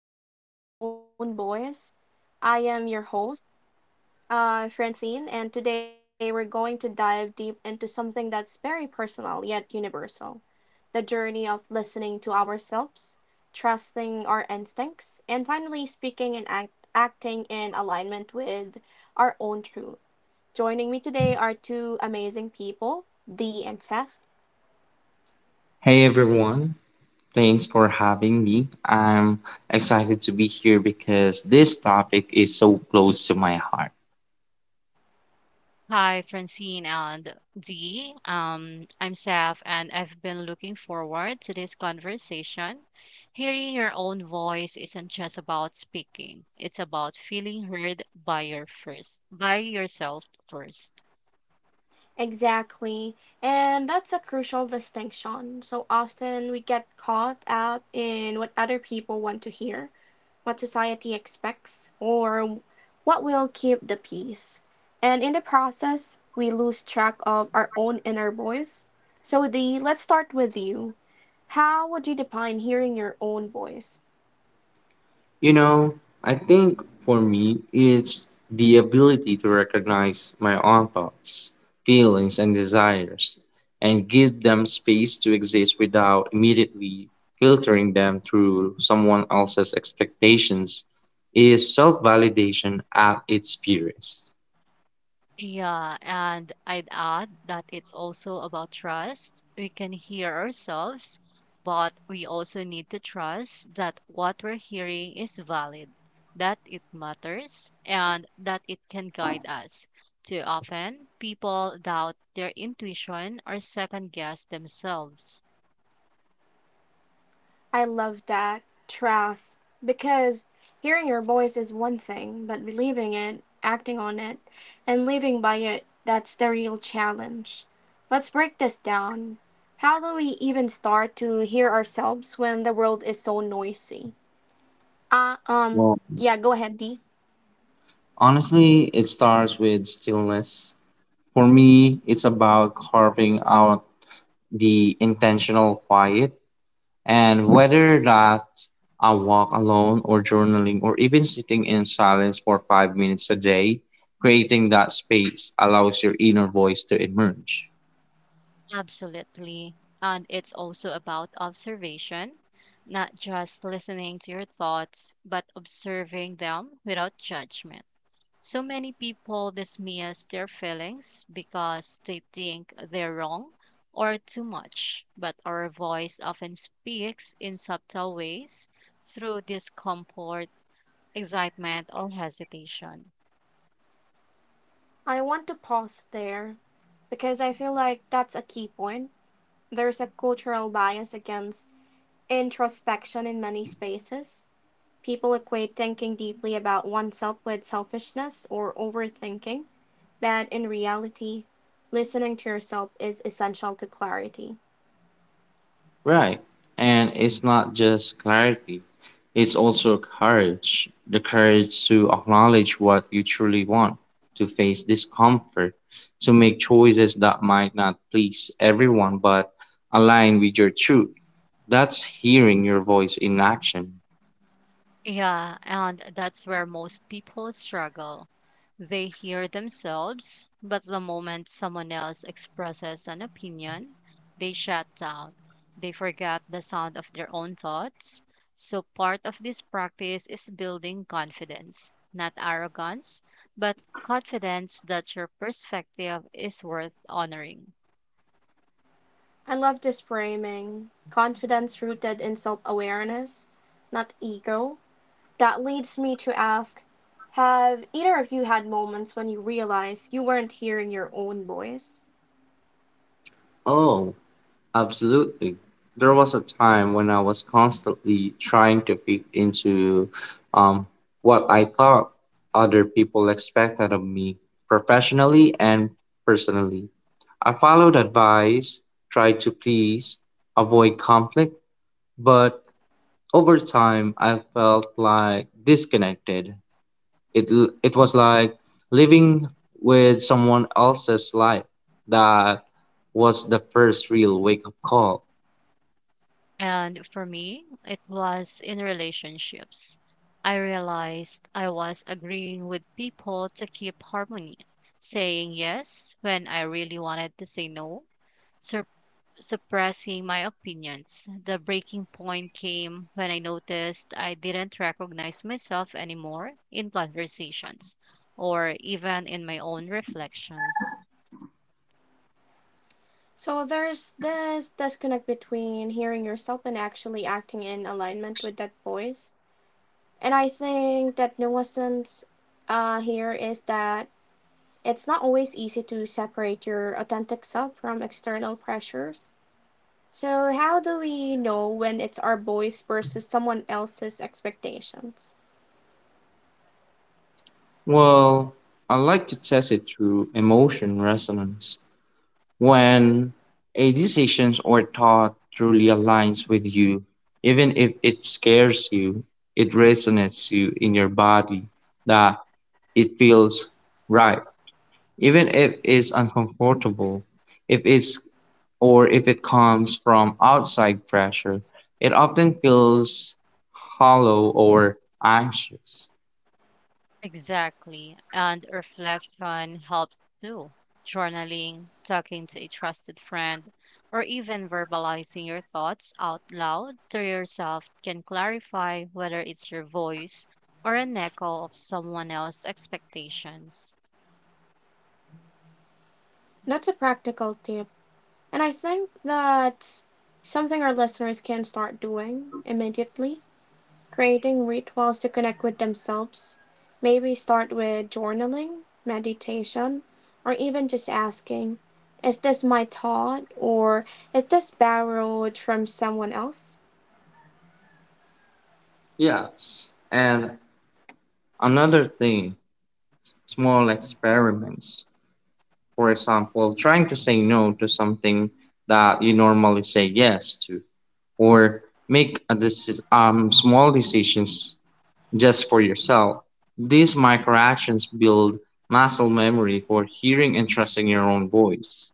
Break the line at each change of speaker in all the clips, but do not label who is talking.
to Hearing Your Own Voice. I am your host, Francine, and today we're going to dive deep into something that's very personal yet universal, the journey of listening to ourselves, trusting our instincts, and finally speaking and acting in alignment with our own truth. Joining me today are two amazing people, Dee and Seth.
Hey everyone, thanks for having me. I'm excited to be here because this topic is so close to my heart.
Hi, Francine and Dee. I'm Saf, and I've been looking forward to this conversation. Hearing your own voice isn't just about speaking; it's about feeling heard by your first, by yourself first.
Exactly. And that's a crucial distinction. So often we get caught up in what other people want to hear, what society expects, or what will keep the peace. And in the process, we lose track of our own inner voice. So, Dee, let's start with you. How would you define hearing your own voice?
You know, I think for me, it's the ability to recognize my own thoughts, feelings, and desires, and give them space to exist without immediately filtering them through someone else's expectations is self validation at its purest.
Yeah, and I'd add that it's also about trust. We can hear ourselves, but we also need to trust that what we're hearing is valid, that it matters, and that it can guide us. Too often, people doubt their intuition or second guess themselves.
I love that, Trask, because hearing your voice is one thing, but believing it, acting on it, and living by it, that's the real challenge. Let's break this down. How do we even start to hear ourselves when the world is so noisy?
Wow.
Yeah, go ahead, Dee.
Honestly, it starts with stillness. For me, it's about carving out the intentional quiet. And whether that I walk alone or journaling or even sitting in silence for 5 minutes a day, creating that space allows your inner voice to emerge.
Absolutely. And it's also about observation, not just listening to your thoughts, but observing them without judgment. So many people dismiss their feelings because they think they're wrong or too much, but our voice often speaks in subtle ways through discomfort, excitement, or hesitation.
I want to pause there because I feel like that's a key point. There's a cultural bias against introspection in many spaces. People equate thinking deeply about oneself with selfishness or overthinking, but in reality, listening to yourself is essential to clarity.
Right. And it's not just clarity, it's also courage the courage to acknowledge what you truly want, to face discomfort, to make choices that might not please everyone but align with your truth. That's hearing your voice in action.
Yeah, and that's where most people struggle. They hear themselves, but the moment someone else expresses an opinion, they shut down. They forget the sound of their own thoughts. So, part of this practice is building confidence, not arrogance, but confidence that your perspective is worth honoring.
I love this framing, confidence rooted in self awareness, not ego. That leads me to ask, have either of you had moments when you realized you weren't hearing your own voice?
Oh, absolutely. There was a time when I was constantly trying to fit into um, what I thought other people expected of me, professionally and personally. I followed advice, tried to please, avoid conflict, but over time I felt like disconnected. It was like living with someone else's life. That was the first real wake up call.
And for me, it was in relationships. I realized I was agreeing with people to keep harmony, saying yes when I really wanted to say no, sup- suppressing my opinions. The breaking point came when I noticed I didn't recognize myself anymore in conversations or even in my own reflections.
So there's this disconnect between hearing yourself and actually acting in alignment with that voice. And I think that nuisance here is that it's not always easy to separate your authentic self from external pressures. So, how do we know when it's our voice versus someone else's expectations?
Well, I like to test it through emotion resonance. When a decision or thought truly aligns with you, even if it scares you, it resonates you in your body that it feels right. Even if it's uncomfortable, if it's or if it comes from outside pressure, it often feels hollow or anxious.
Exactly. And reflection helps too. Journaling, talking to a trusted friend, or even verbalizing your thoughts out loud to yourself can clarify whether it's your voice or an echo of someone else's expectations.
That's a practical tip. And I think that's something our listeners can start doing immediately, creating rituals to connect with themselves. Maybe start with journaling, meditation, or even just asking, is this my thought? Or is this borrowed from someone else?
Yes. And another thing small experiments. For example, trying to say no to something that you normally say yes to, or make a small decisions just for yourself. These microactions build muscle memory for hearing and trusting your own voice.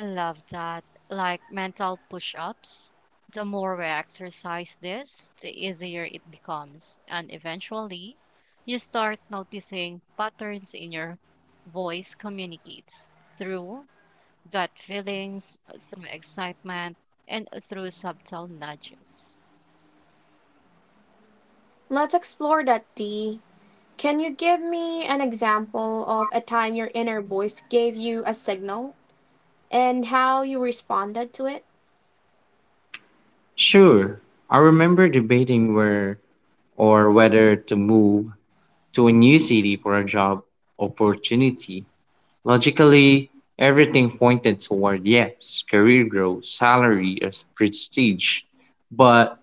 I love that. Like mental push ups. The more we exercise this, the easier it becomes. And eventually, you start noticing patterns in your voice communicates through gut feelings, through excitement, and through subtle nudges.
Let's explore that, D. Can you give me an example of a time your inner voice gave you a signal and how you responded to it?
Sure, I remember debating where or whether to move to a new city for a job opportunity. Logically, everything pointed toward yes, career growth, salary, and prestige, but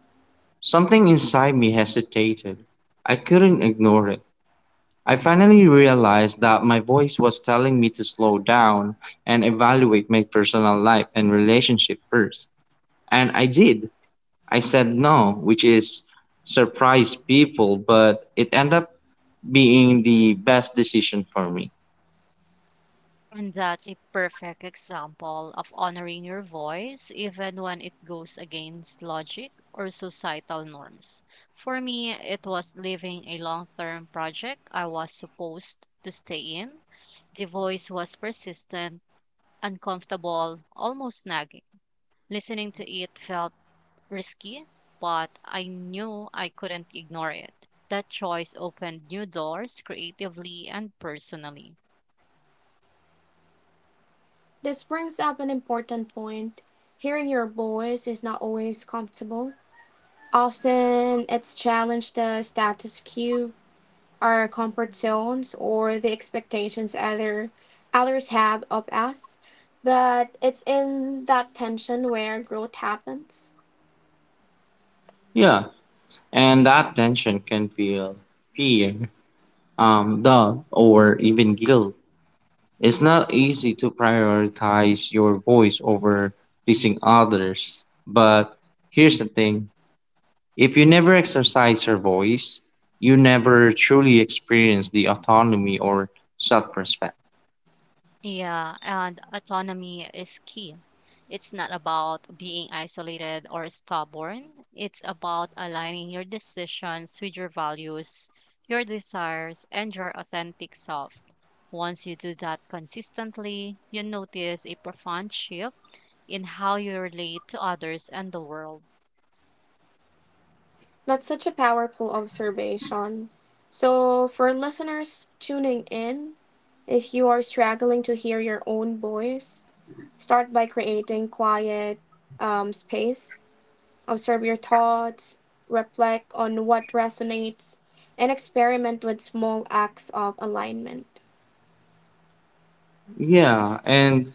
something inside me hesitated. I couldn't ignore it. I finally realized that my voice was telling me to slow down and evaluate my personal life and relationship first. And I did. I said no, which is surprised people, but it ended up being the best decision for me.
And that's a perfect example of honoring your voice, even when it goes against logic or societal norms. For me, it was living a long term project I was supposed to stay in. The voice was persistent, uncomfortable, almost nagging. Listening to it felt risky, but I knew I couldn't ignore it. That choice opened new doors creatively and personally.
This brings up an important point. Hearing your voice is not always comfortable. Often it's challenged the status quo, our comfort zones, or the expectations others have of us. But it's in that tension where growth happens.
Yeah, and that tension can feel fear, doubt, or even guilt. It's not easy to prioritize your voice over pleasing others. But here's the thing if you never exercise your voice, you never truly experience the autonomy or self respect.
Yeah, and autonomy is key. It's not about being isolated or stubborn. It's about aligning your decisions with your values, your desires, and your authentic self. Once you do that consistently, you notice a profound shift in how you relate to others and the world.
That's such a powerful observation. So, for listeners tuning in, if you are struggling to hear your own voice, start by creating quiet space. Observe your thoughts, reflect on what resonates, and experiment with small acts of alignment.
Yeah, and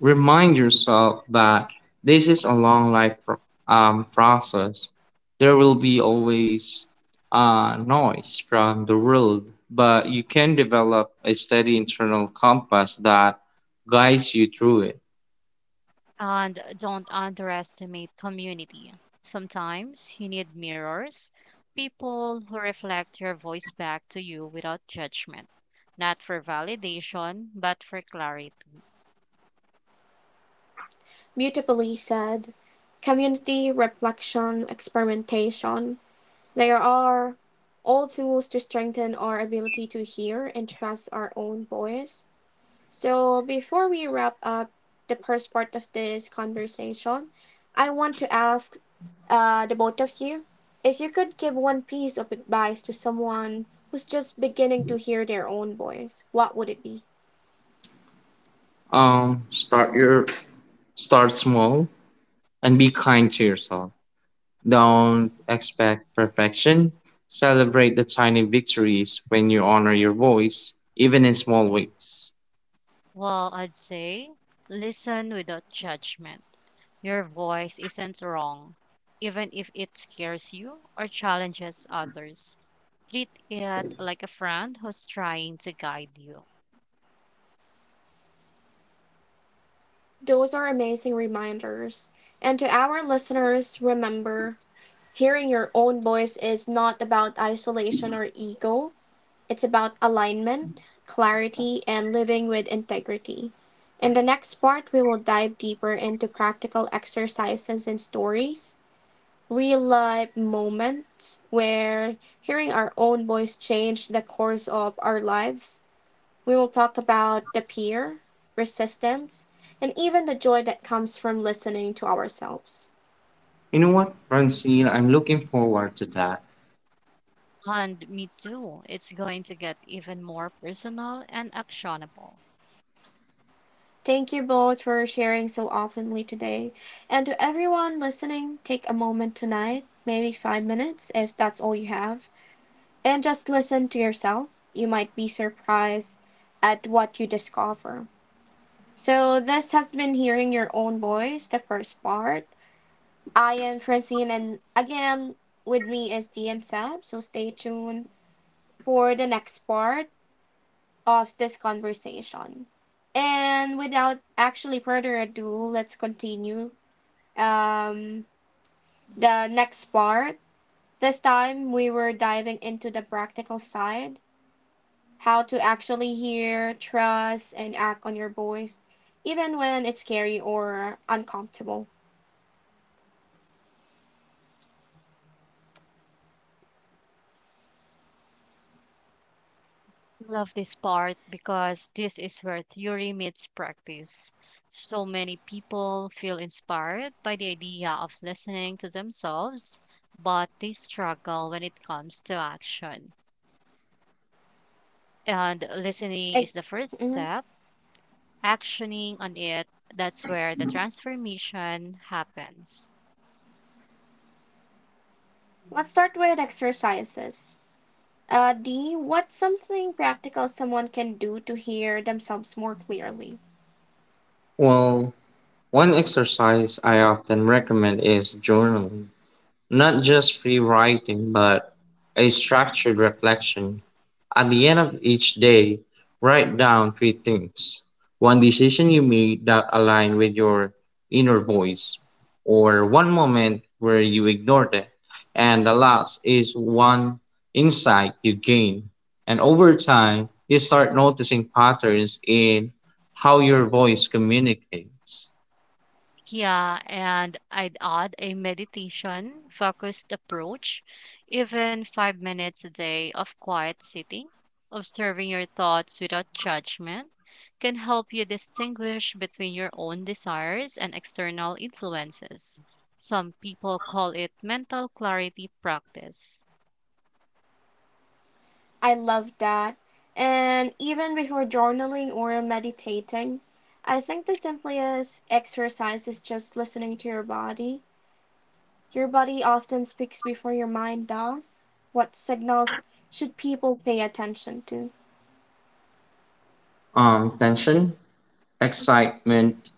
remind yourself that this is a long life process. There will be always noise from the world, but you can develop a steady internal compass that guides you through it.
And don't underestimate community. Sometimes you need mirrors, people who reflect your voice back to you without judgment, not for validation, but for clarity.
Beautifully said. Community, reflection, experimentation, they are all tools to strengthen our ability to hear and trust our own voice. So, before we wrap up the first part of this conversation, I want to ask the both of you, if you could give one piece of advice to someone who's just beginning to hear their own voice, what would it be?
Um, start your Start small and be kind to yourself. Don't expect perfection. Celebrate the tiny victories when you honor your voice, even in small ways.
Well, I'd say listen without judgment. Your voice isn't wrong, even if it scares you or challenges others. Treat it like a friend who's trying to guide you.
Those are amazing reminders. And to our listeners, remember, hearing your own voice is not about isolation or ego, it's about alignment, clarity, and living with integrity. In the next part, we will dive deeper into practical exercises and stories, real life moment where hearing our own voice changed the course of our lives. We will talk about the fear, resistance, and even the joy that comes from listening to ourselves.
You know what, Francine? I'm looking forward to that.
And me too. It's going to get even more personal and actionable.
Thank you both for sharing so openly today. And to everyone listening, take a moment tonight, maybe 5 minutes if that's all you have, and just listen to yourself. You might be surprised at what you discover. So this has been Hearing Your Own Voice, the first part. I am Francine, and again with me is D Sab. So stay tuned for the next part of this conversation. And without actually further ado, let's continue um, the next part. This time we were diving into the practical side, how to actually hear, trust, and act on your voice, even when it's scary or uncomfortable.
Love this part because this is where theory meets practice. So many people feel inspired by the idea of listening to themselves, but they struggle when it comes to action. And listening
I
is the first
Mhm.
step, actioning on it, that's where the transformation happens.
Let's start with exercises. D, what's something practical someone can do to hear themselves more clearly?
Well, one exercise I often recommend is journaling, not just free writing, but a structured reflection. At the end of each day, write down 3 things. One decision you made that aligned with your inner voice, or one moment where you ignored it. And the last is one insight you gained. And over time, you start noticing patterns in how your voice communicates.
Yeah, and I'd add a meditation focused approach, even 5 minutes a day of quiet sitting, observing your thoughts without judgment, can help you distinguish between your own desires and external influences. Some people call it mental clarity practice.
I love that. And even before journaling or meditating, I think the simplest exercise is just listening to your body. Your body often speaks before your mind does. What signals should people pay attention to?
Tension, excitement,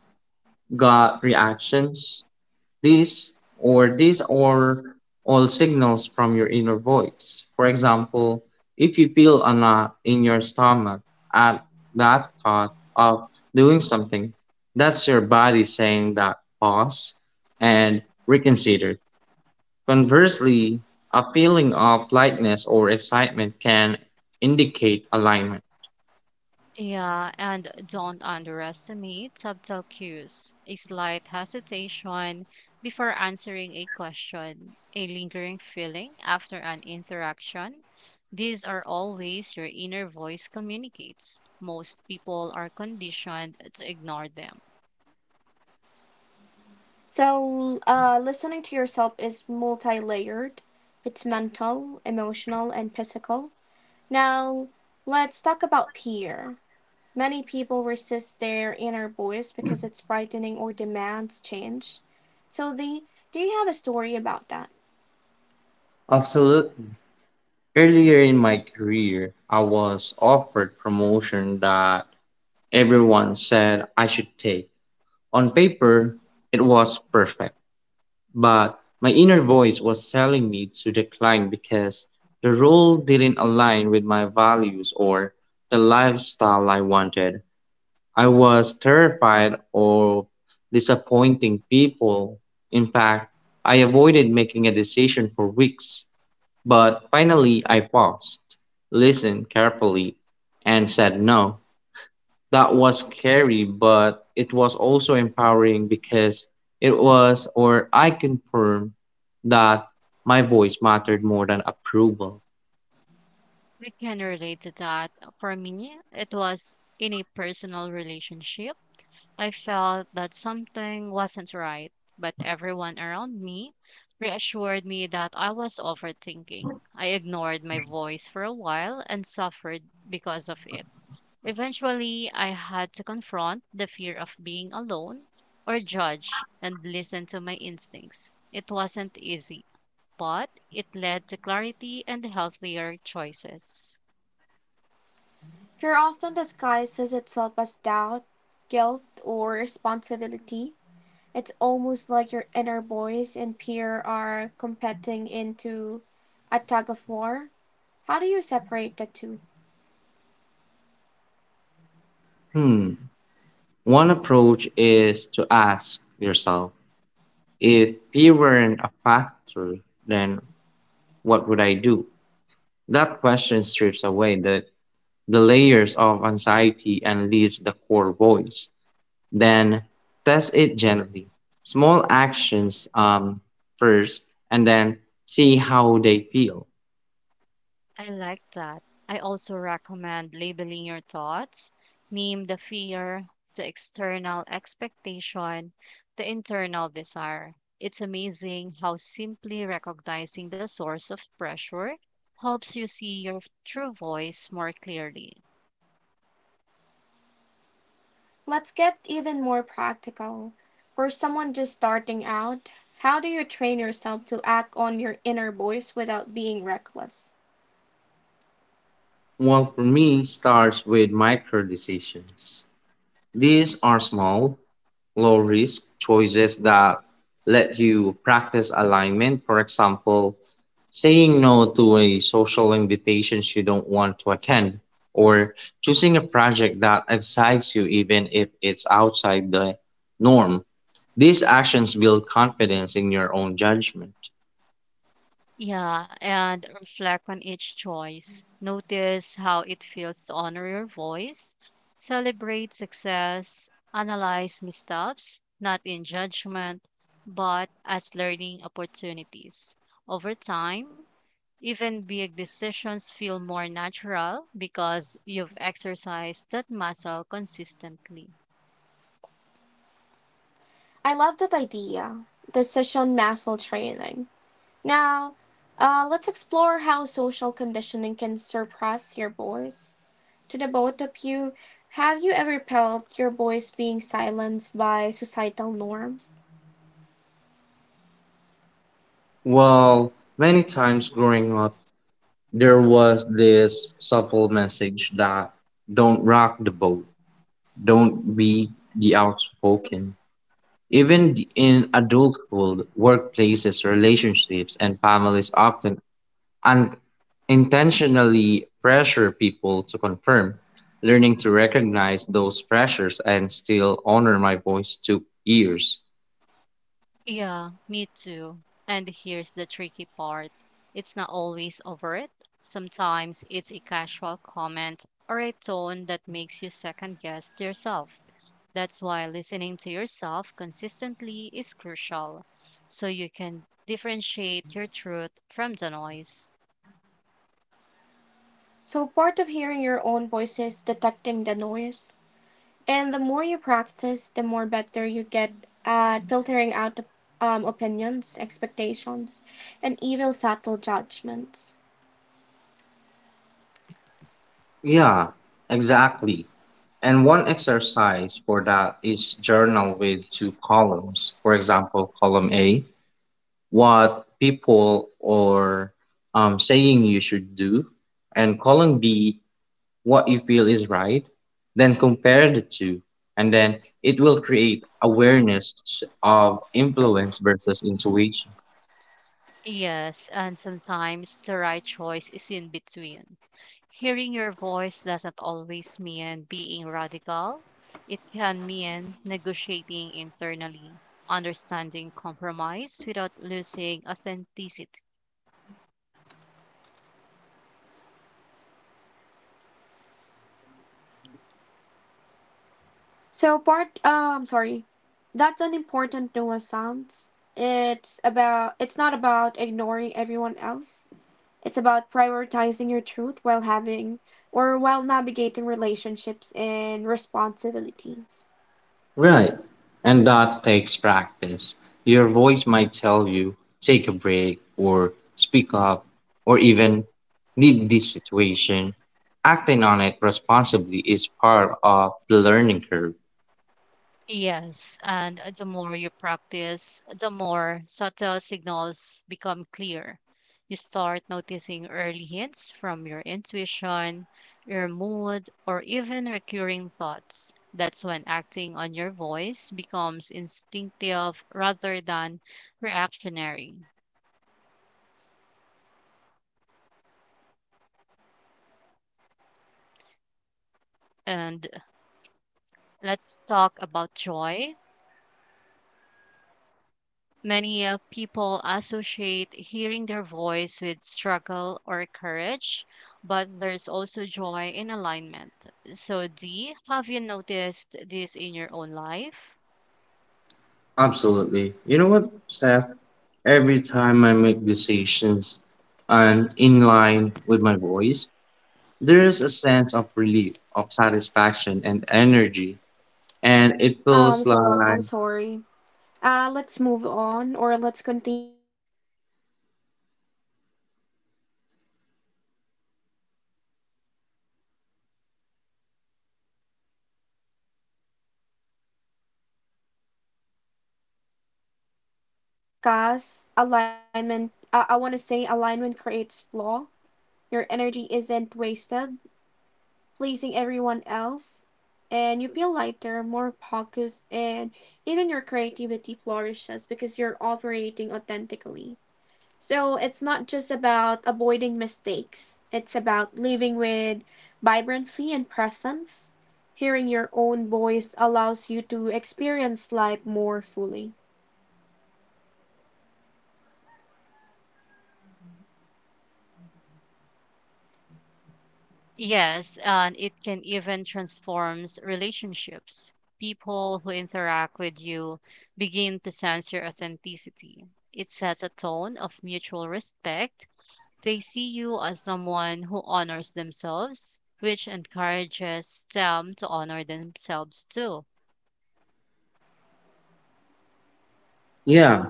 gut reactions, these are all signals from your inner voice. For example, if you feel a knot in your stomach at that thought of doing something, that's your body saying that pause and reconsider. Conversely, a feeling of lightness or excitement can indicate alignment.
Yeah, and don't underestimate subtle cues. A slight hesitation before answering a question, a lingering feeling after an interaction. These are all ways your inner voice communicates. Most people are conditioned to ignore them.
So, listening to yourself is multi layered, it's mental, emotional, and physical. Now, let's talk about fear. Many people resist their inner voice because it's frightening or demands change. So, do you have a story about that?
Absolutely. Earlier in my career, I was offered promotion that everyone said I should take. On paper, it was perfect, but my inner voice was telling me to decline because the role didn't align with my values or the lifestyle I wanted. I was terrified of disappointing people. In fact, I avoided making a decision for weeks, but finally I paused, listened carefully, and said no that was scary, but it was also empowering because it was, or I confirmed that my voice mattered more than approval.
We can relate to that. For me, it was in a personal relationship. I felt that something wasn't right, but everyone around me reassured me that I was overthinking. I ignored my voice for a while and suffered because of it. Eventually, I had to confront the fear of being alone or judged and listen to my instincts. It wasn't easy, but it led to clarity and healthier choices.
Fear often disguises itself as doubt, guilt, or responsibility. It's almost like your inner voice and fear are competing into a tug of war. How do you separate the two?
Hmm. One approach is to ask yourself if fear weren't a factor, then what would I do? That question strips away the layers of anxiety and leaves the core voice. Then test it gently. Small actions first, and then see how they feel.
I like that. I also recommend labeling your thoughts. Name the fear, the external expectation, the internal desire. It's amazing how simply recognizing the source of pressure helps you see your true voice more clearly.
Let's get even more practical. For someone just starting out, how do you train yourself to act on your inner voice without being reckless?
Well, for me, starts with micro decisions. These are small, low risk choices that let you practice alignment. For example, saying no to a social invitation you don't want to attend, or choosing a project that excites you even if it's outside the norm. These actions build confidence in your own judgment.
Yeah, and reflect on each choice. Notice how it feels to honor your voice. Celebrate success. Analyze missteps, not in judgment, but as learning opportunities. Over time, even big decisions feel more natural because you've exercised that muscle consistently.
I love that idea, decision muscle training. Now, let's explore how social conditioning can suppress your voice. To the both of you, have you ever felt your voice being silenced by societal norms?
Well, many times growing up, there was this subtle message that don't rock the boat, don't be the outspoken. In adulthood, workplaces, relationships, and families often unintentionally pressure people to confirm. Learning to recognize those pressures and still honor my voice took years.
Yeah, me too. And here's the tricky part. It's not always overt. Sometimes it's a casual comment or a tone that makes you second guess yourself. That's why listening to yourself consistently is crucial, so you can differentiate your truth from the noise.
So, part of hearing your own voice is detecting the noise. And the more you practice, the more better you get at filtering out opinions, expectations, and even subtle judgments.
Yeah, exactly. And one exercise for that is journal with 2 columns. For example, column A, what people are saying you should do, and column B, what you feel is right. Then compare the two, and then it will create awareness of influence versus intuition.
Yes, and sometimes the right choice is in between. Hearing your voice doesn't always mean being radical. It can mean negotiating internally, understanding compromise without losing authenticity.
Sorry, that's an important nuisance. It's not about ignoring everyone else. It's about prioritizing your truth while having or while navigating relationships and responsibilities.
Right. And that takes practice. Your voice might tell you, take a break, or speak up, or even lead this situation. Acting on it responsibly is part of the learning curve.
Yes, and the more you practice, the more subtle signals become clear. You start noticing early hints from your intuition, your mood, or even recurring thoughts. That's when acting on your voice becomes instinctive rather than reactionary. And let's talk about joy. Many people associate hearing their voice with struggle or courage, but there's also joy in alignment. So, D, have you noticed this in your own life?
Absolutely. You know what, Steph? Every time I make decisions and in line with my voice, there is a sense of relief, of satisfaction, and energy. And it feels
So
like.
I'm sorry. Let's move on or let's continue this conversation. We just having a technical difficulties. So I'm really sorry to our listeners right now. But to continue, um I want to discuss alignment. I want to say alignment creates flaw. Your energy isn't wasted pleasing everyone else and you feel lighter, more focused and even your creativity flourishes because you're operating authentically. So it's not just about avoiding mistakes, it's about living with vibrancy and presence. Hearing your own voice allows you to experience life more fully.
Yes, and it can even transforms relationships. People who interact with you begin to sense your authenticity. It sets a tone of mutual respect. They see you as someone who honors themselves, which encourages them to honor themselves too.
Yeah.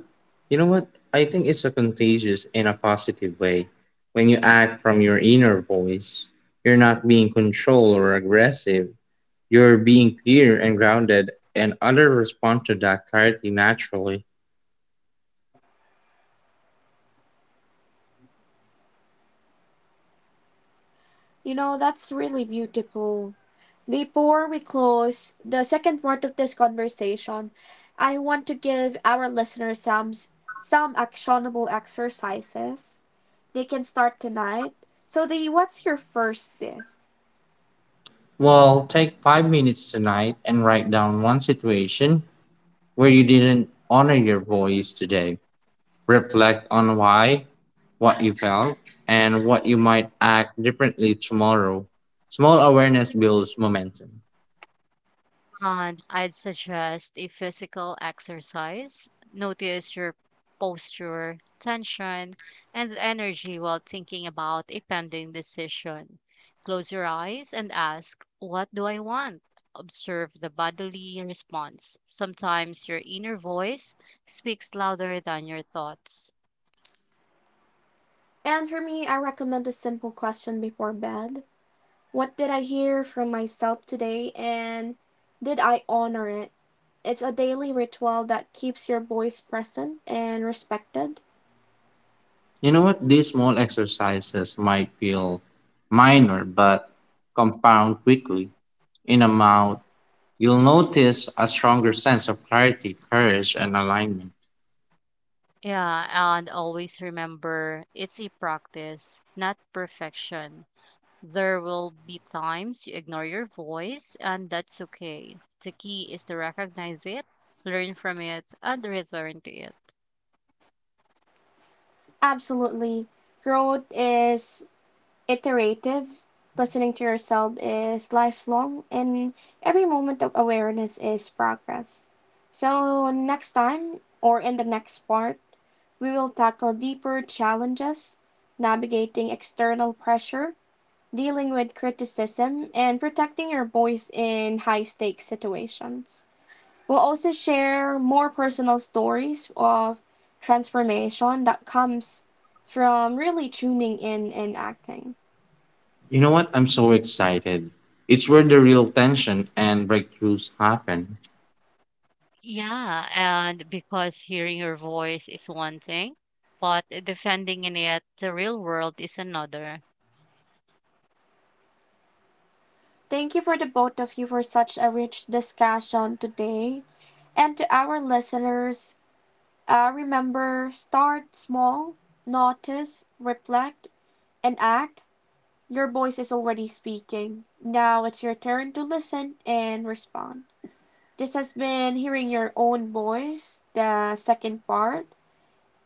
You know what? I think it's a contagious in a positive way. When you act from your inner voice, you're not being controlled or aggressive. You're being clear and grounded, and others respond to that clarity naturally.
You know, that's really beautiful. Before we close the second part of this conversation, I want to give our listeners some actionable exercises they can start tonight. So, the what's your first step?
Well, take 5 minutes tonight and write down one situation where you didn't honor your voice today. Reflect on why, what you felt, and what you might act differently tomorrow. Small awareness builds momentum.
And I'd suggest a physical exercise. Notice your posture, tension, and energy while thinking about a pending decision. Close your eyes and ask, what do I want? Observe the bodily response. Sometimes your inner voice speaks louder than your thoughts.
And for me, I recommend a simple question before bed. What did I hear from myself today and did I honor it? It's a daily ritual that keeps your voice present and respected.
You know what? These small exercises might feel minor, but compound quickly. In a month, you'll notice a stronger sense of clarity, courage, and alignment.
Yeah, and always remember it's a practice, not perfection. There will be times you ignore your voice, and that's okay. The key is to recognize it, learn from it, and return to it.
Absolutely. Growth is iterative. Listening to yourself is lifelong, and every moment of awareness is progress. So, next time or in the next part, we will tackle deeper challenges, navigating external pressure, dealing with criticism, and protecting your voice in high stakes situations. We'll also share more personal stories of transformation that comes from really tuning in and acting.
You know what? I'm so excited. It's where the real tension and breakthroughs happen.
Yeah, and because hearing your voice is one thing, but defending in it the real world is another.
Thank you for the both of you for such a rich discussion today. And to our listeners, remember, start small, notice, reflect, and act. Your voice is already speaking. Now it's your turn to listen and respond. This has been Hearing Your Own Voice, the second part.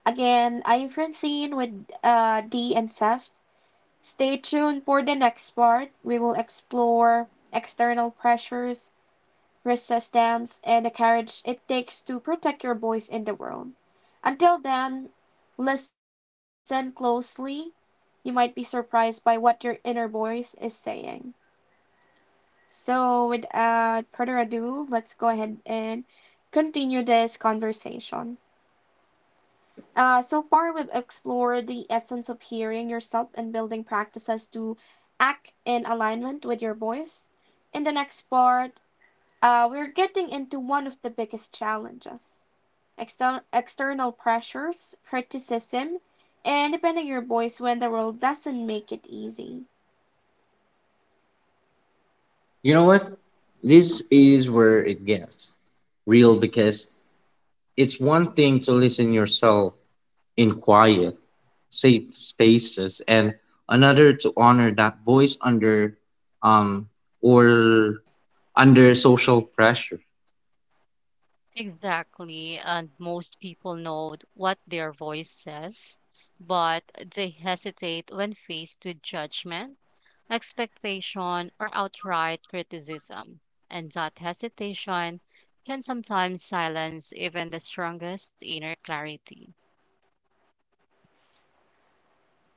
Again, I'm Francine with D and Seth. Stay tuned for the next part. We will explore external pressures, resistance, and the courage it takes to protect your voice in the world. Until then, listen closely. You might be surprised by what your inner voice is saying. So, without further ado, let's go ahead and continue this conversation. So far, we've explored the essence of hearing yourself and building practices to act in alignment with your voice. In the next part, we're getting into one of the biggest challenges, external pressures, criticism, and depending on your voice when the world doesn't make it easy.
You know what? This is where it gets real because it's one thing to listen yourself in quiet safe spaces and another to honor that voice under um or under social pressure.
Exactly. And most people know what their voice says, but they hesitate when faced with judgment, expectation, or outright criticism. And that hesitation can sometimes silence even the strongest inner clarity.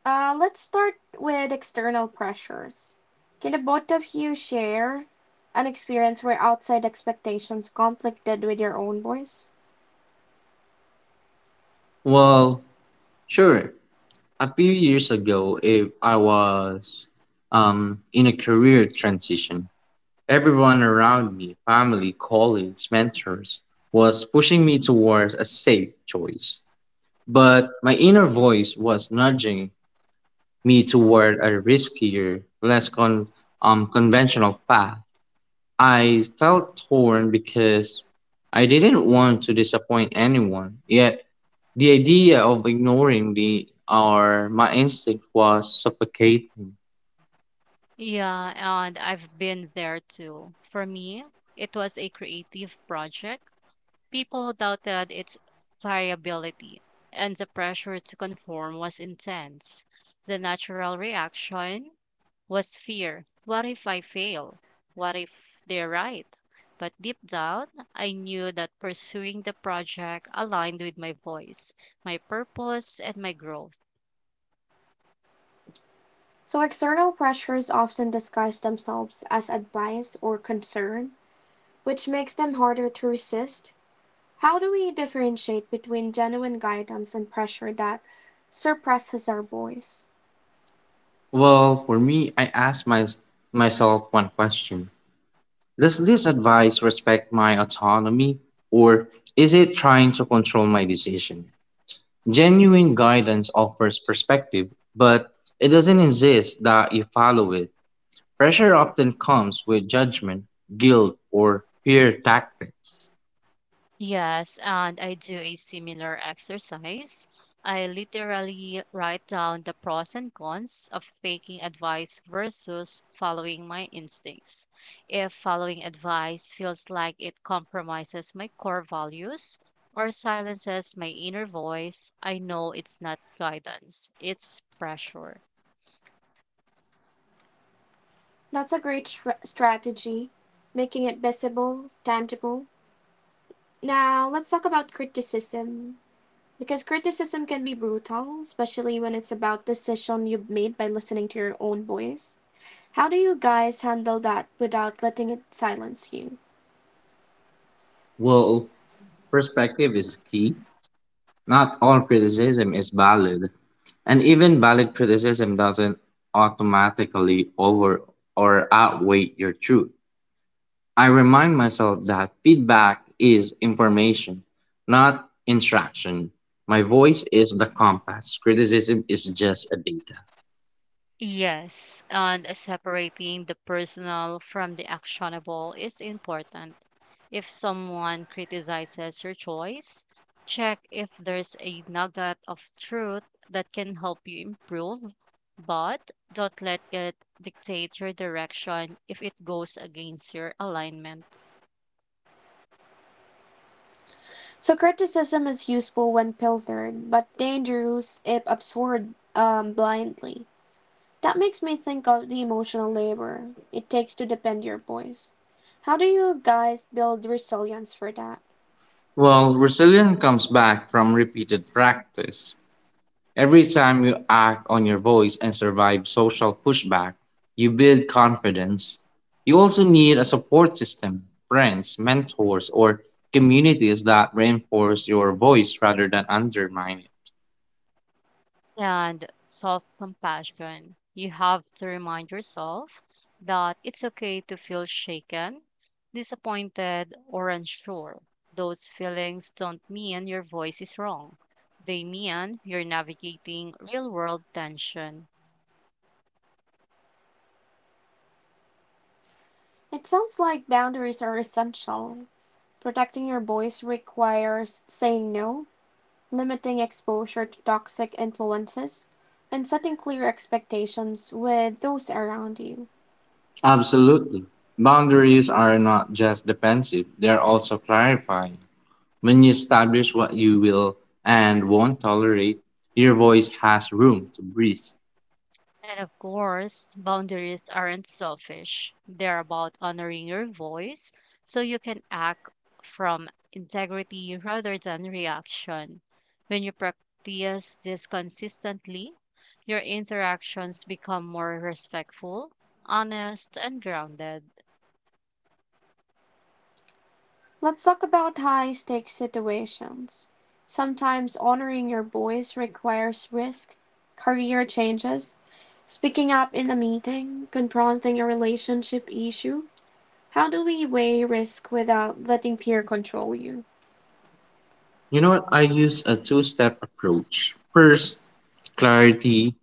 Let's start with external pressures. Can the both of you share an experience where outside expectations conflicted with your own voice?
Well sure, a few years ago if I was in a career transition, everyone around me family colleagues mentors was pushing me towards a safe choice, but my inner voice was nudging me toward a riskier conventional path. I felt torn because I didn't want to disappoint anyone, yet the idea of ignoring the or my instinct was suffocating.
Yeah, and I've been there too. For me, it was a creative project. People doubted its pliability, and the pressure to conform was intense. The natural reaction was fear. What if I fail? What if they're right? But deep down, I knew that pursuing the project aligned with my voice, my purpose, and my growth.
So, external pressures often disguise themselves as advice or concern, which makes them harder to resist. How do we differentiate between genuine guidance and pressure that suppresses our voice?
Well, for me, I asked myself one question. Does this advice respect my autonomy or is it trying to control my decision? Genuine guidance offers perspective, but it doesn't insist that you follow it. Pressure often comes with judgment, guilt, or fear tactics.
Yes, and I do a similar exercise. I literally write down the pros and cons of taking advice versus following my instincts. If following advice feels like it compromises my core values or silences my inner voice, I know it's not guidance, it's pressure.
That's a great strategy, making it visible, tangible. Now, let's talk about criticism. Because criticism can be brutal, especially when it's about decision you've made by listening to your own voice. How do you guys handle that without letting it silence you?
Well, perspective is key, not all criticism is valid, and even valid criticism doesn't automatically over or outweigh your truth. I remind myself that feedback is information, not instruction. My voice is the compass, criticism is just a data.
Yes, and separating the personal from the actionable is important. If someone criticizes your choice, check if there's a nugget of truth that can help you improve, but don't let it dictate your direction if it goes against your alignment.
So criticism is useful when filtered, but dangerous if absorbed blindly. That makes me think of the emotional labor it takes to defend your boys. How do you guys build resilience for that?
Well, resilience comes back from repeated practice. Every time you act on your voice and survive social pushback, you build confidence. You also need a support system, friends, mentors, or communities that reinforce your voice rather than undermine it.
And self compassion. You have to remind yourself that it's okay to feel shaken, disappointed, or unsure. Those feelings don't mean your voice is wrong, they mean you're navigating real world tension.
It sounds like boundaries are essential. Protecting your boys requires saying no, limiting exposure to toxic influences, and setting clear expectations with those around you.
Absolutely. Boundaries are not just defensive, they are also clarifying. When you establish what you will and won't tolerate, your voice has room to breathe.
And of course, boundaries aren't selfish. They're about honoring your voice so you can act from integrity rather than reaction. When you practice this consistently, your interactions become more respectful, honest, and grounded.
Let's talk about high stakes situations. Sometimes honoring your voice requires risk, career changes, speaking up in a meeting, confronting a relationship issue. How do we weigh risk without letting fear control you?
You know what? I use a two step approach. First, clarity,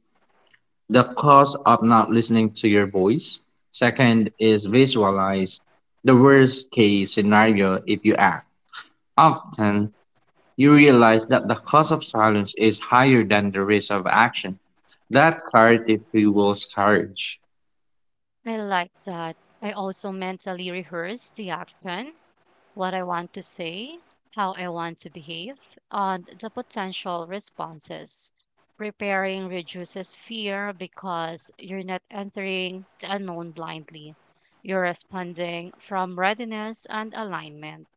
the cause of not listening to your voice. Second is visualize the worst case scenario if you act. Often, you realize that the cost of silence is higher than the risk of action. That clarity fuels courage.
I like that. I also mentally rehearse the action, what I want to say, how I want to behave, and the potential responses. Preparing reduces fear because you're not entering the unknown blindly. You're responding from readiness and alignment.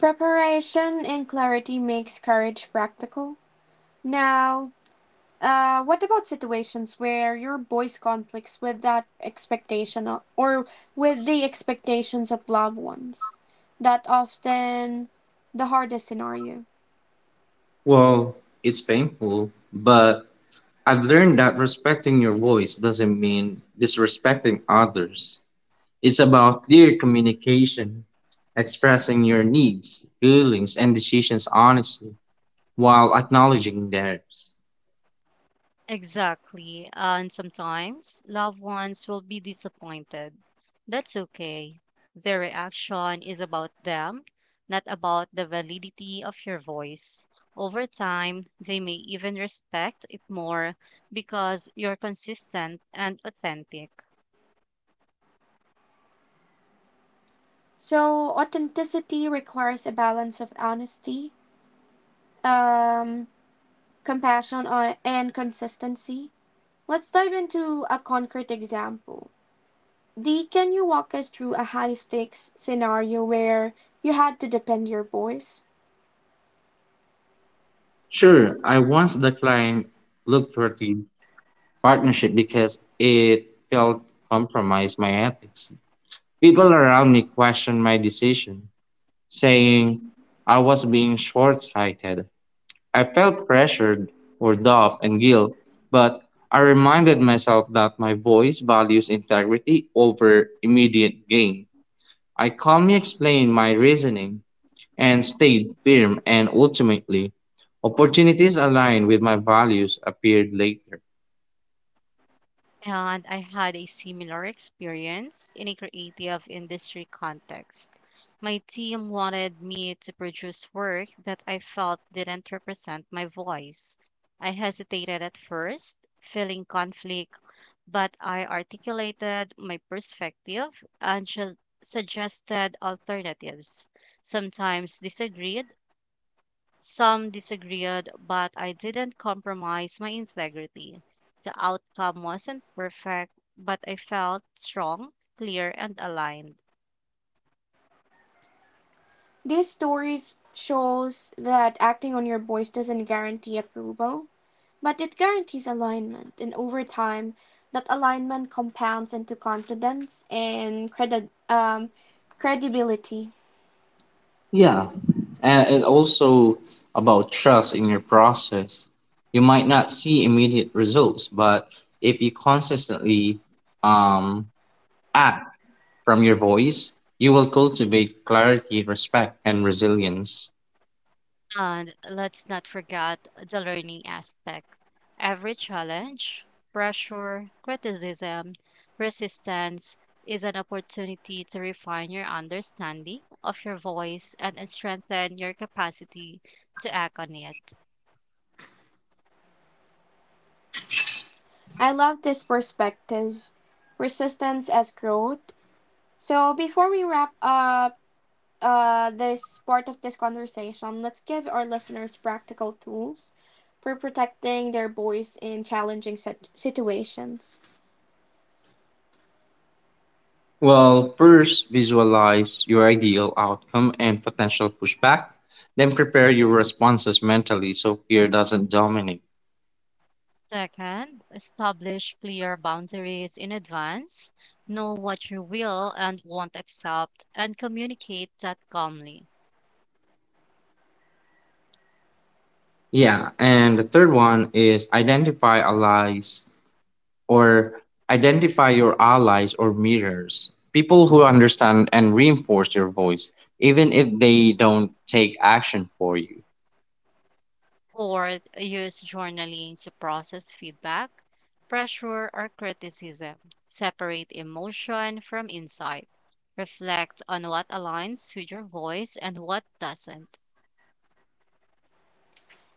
Preparation and clarity makes courage practical. Now, what about situations where your voice conflicts with that expectation or with the expectations of loved ones? That often the hardest scenario.
Well, it's painful, but I've learned that respecting your voice doesn't mean disrespecting others. It's about clear communication, expressing your needs, feelings, and decisions honestly, while acknowledging theirs.
Exactly. And sometimes loved ones will be disappointed. That's okay. Their reaction is about them, not about the validity of your voice. Over time, they may even respect it more because you're consistent and authentic.
So authenticity requires a balance of honesty, um, compassion, and consistency. Let's dive into a concrete example. Dee, can you walk us through a high stakes scenario where you had to defend your voice?
Sure, I once declined lucrative partnership because it felt compromised my ethics. People around me questioned my decision, saying I was being short-sighted. I felt pressured or doubt and guilt, but I reminded myself that my voice values integrity over immediate gain. I calmly explained my reasoning and stayed firm and ultimately opportunities aligned with my values appeared later.
And I had a similar experience in a creative industry context. My team wanted me to produce work that I felt didn't represent my voice. I hesitated at first, feeling conflict, but I articulated my perspective and suggested alternatives. Sometimes disagreed, some disagreed, but I didn't compromise my integrity. The outcome wasn't perfect, but I felt strong, clear, and aligned.
These stories shows that acting on your voice doesn't guarantee approval, but it guarantees alignment, and over time, that alignment compounds into confidence and credibility.
Yeah, and it also about trust in your process. You might not see immediate results, but if you consistently um, act from your voice, you will cultivate clarity, respect, and resilience.
And let's not forget the learning aspect. Every challenge, pressure, criticism, resistance is an opportunity to refine your understanding of your voice and strengthen your capacity to act on it.
I love this perspective, resistance as growth. So before we wrap up this part of this conversation, let's give our listeners practical tools for protecting their voice in challenging situations.
Well, first visualize your ideal outcome and potential pushback, then prepare your responses mentally so fear doesn't dominate.
Second, establish clear boundaries in advance. Know what you will and won't accept and communicate that calmly.
Yeah, and the third one is or identify your allies or mirrors, people who understand and reinforce your voice, even if they don't take action for you.
Fourth, use journaling to process feedback, pressure, or criticism. Separate emotion from insight. Reflect on what aligns with your voice and what doesn't.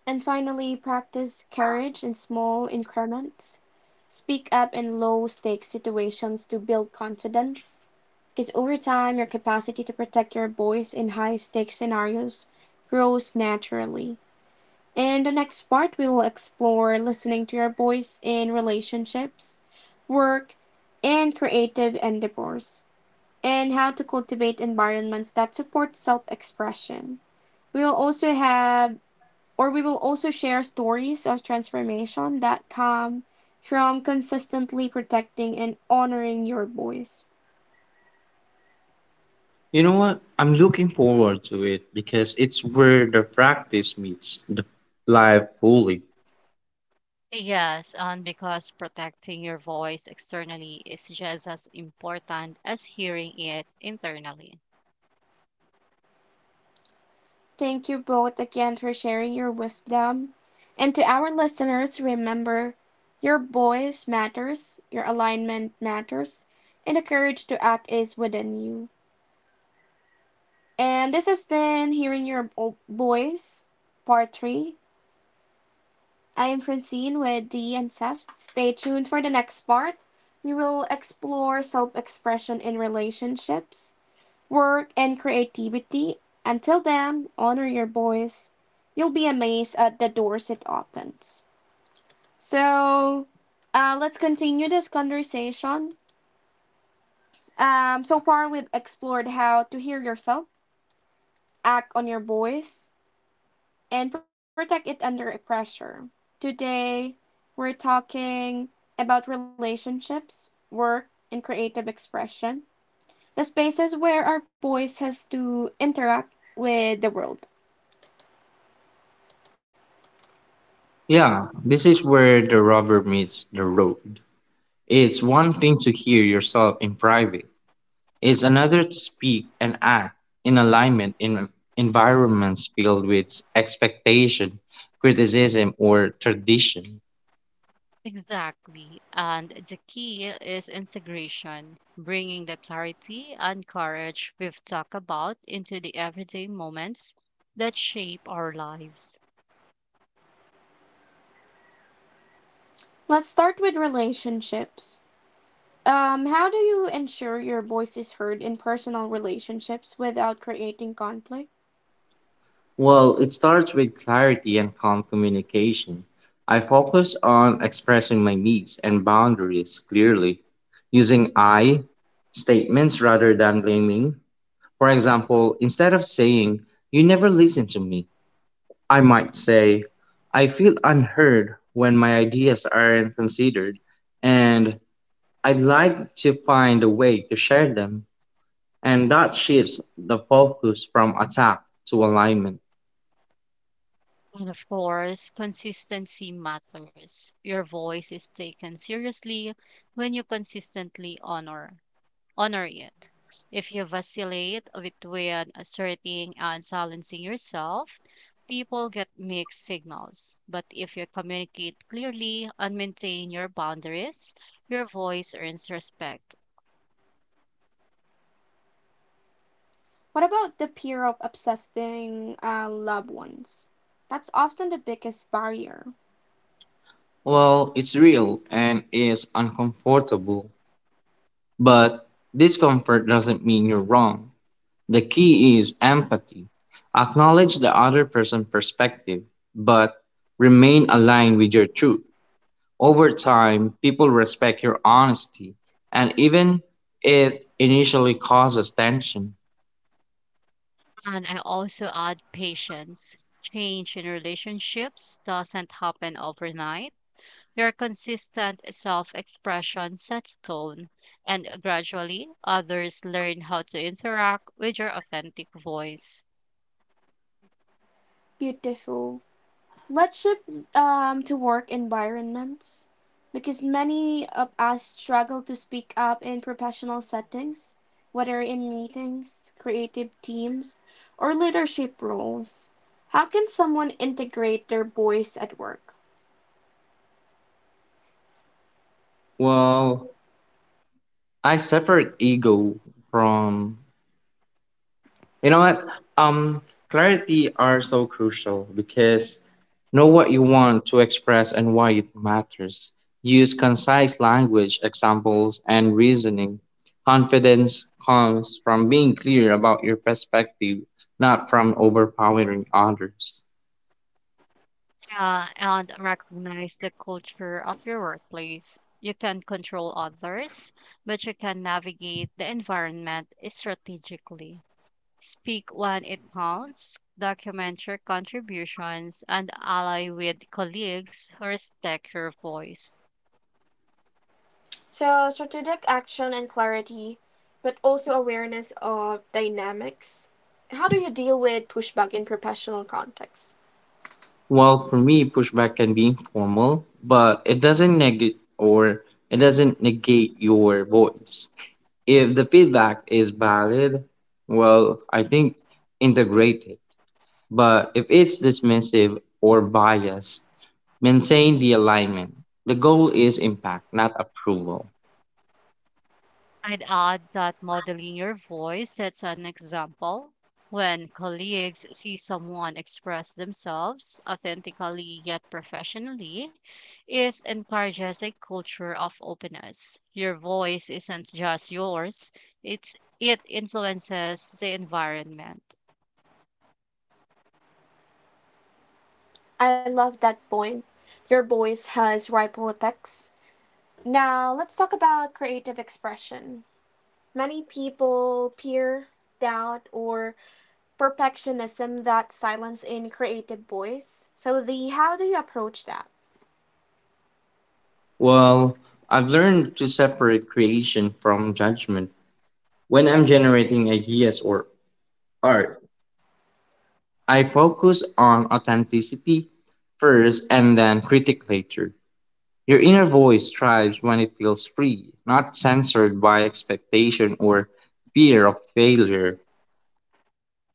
And finally, practice courage in small increments. Speak up in low stakes situations to build confidence. Because over time, your capacity to protect your voice in high stakes scenarios grows naturally. And the next part, we will explore listening to your voice in relationships, work, and creative endeavors, and how to cultivate environments that support self expression. We will also have we will also share stories of transformation that come from consistently protecting and honoring your voice.
You know what? I'm looking forward to it because it's where the practice meets the life fully.
Yes, and because protecting your voice externally is just as important as hearing it internally.
Thank you both again for sharing your wisdom. And to our listeners, remember your voice matters, your alignment matters, and the courage to act is within you. And this has been Hearing Your Voice, Part 3. I am Francine with DE and Seth. Stay tuned for the next part. We will explore self expression in relationships, work, and creativity. Until then, honor your voice. You'll be amazed at the doors it opens. So, let's continue this conversation. So far, we've explored how to hear yourself, act on your voice, and protect it under pressure. Today, we're talking about relationships, work, and creative expression, the spaces where our voice has to interact with the world.
Yeah, this is where the rubber meets the road. It's one thing to hear yourself in private, is another to speak and act in alignment in environments filled with expectation, criticism, or tradition.
Exactly. And the key is integration, bringing the clarity and courage we've talked about into the everyday moments that shape our lives.
Let's start with relationships. How do you ensure your voice is heard in personal relationships without creating conflict?
Well, it starts with clarity and calm communication. I focus on expressing my needs and boundaries clearly, using I statements rather than blaming. For example, instead of saying, "You never listen to me," I might say, "I feel unheard when my ideas aren't considered, and I'd like to find a way to share them," and that shifts the focus from attack to alignment.
And of course, consistency matters. Your voice is taken seriously when you consistently honor it. If you vacillate between asserting and silencing yourself, people get mixed signals. But if you communicate clearly and maintain your boundaries, your voice earns respect.
What about the fear of upsetting loved ones? That's often the biggest barrier.
Well, it's real and it's uncomfortable, but discomfort doesn't mean you're wrong. The key is empathy. Acknowledge the other person's perspective, but remain aligned with your truth. Over time, people respect your honesty, and even it initially causes tension.
And I also add patience. Change in relationships doesn't happen overnight. Your consistent self expression sets tone, and gradually others learn how to interact with your authentic voice.
Beautiful. Let's shift to work environments because many of us struggle to speak up in professional settings, whether in meetings, creative teams, or leadership roles. How can someone integrate their voice at work?
Well, I separate ego from, you know what? Um Clarity are so crucial because know what you want to express and why it matters. Use concise language, examples and reasoning. Confidence comes from being clear about your perspective, not from overpowering others.
Yeah, and recognize the culture of your workplace. You can control others, but you can navigate the environment strategically. Speak when it counts, document your contributions, and ally with colleagues who respect your voice.
So, strategic action and clarity, but also awareness of dynamics. How do you deal with pushback in professional contexts?
Well, for me, pushback can be informal, but it doesn't negate your voice. If the feedback is valid, well, I think integrate it. But if it's dismissive or biased, maintain the alignment. The goal is impact, not approval.
I'd add that modeling your voice sets an example. When colleagues see someone express themselves authentically yet professionally, it encourages a culture of openness. Your voice isn't just yours, it's, it influences the environment.
I love that point. Your voice has ripple effects. Now, let's talk about creative expression. Many people fear, doubt, or perfectionism that silence in creative voice. So, the how do you approach that?
Well, I've learned to separate creation from judgment. When I'm generating ideas or art, I focus on authenticity first and then critique later. Your inner voice thrives when it feels free, not censored by expectation or fear of failure.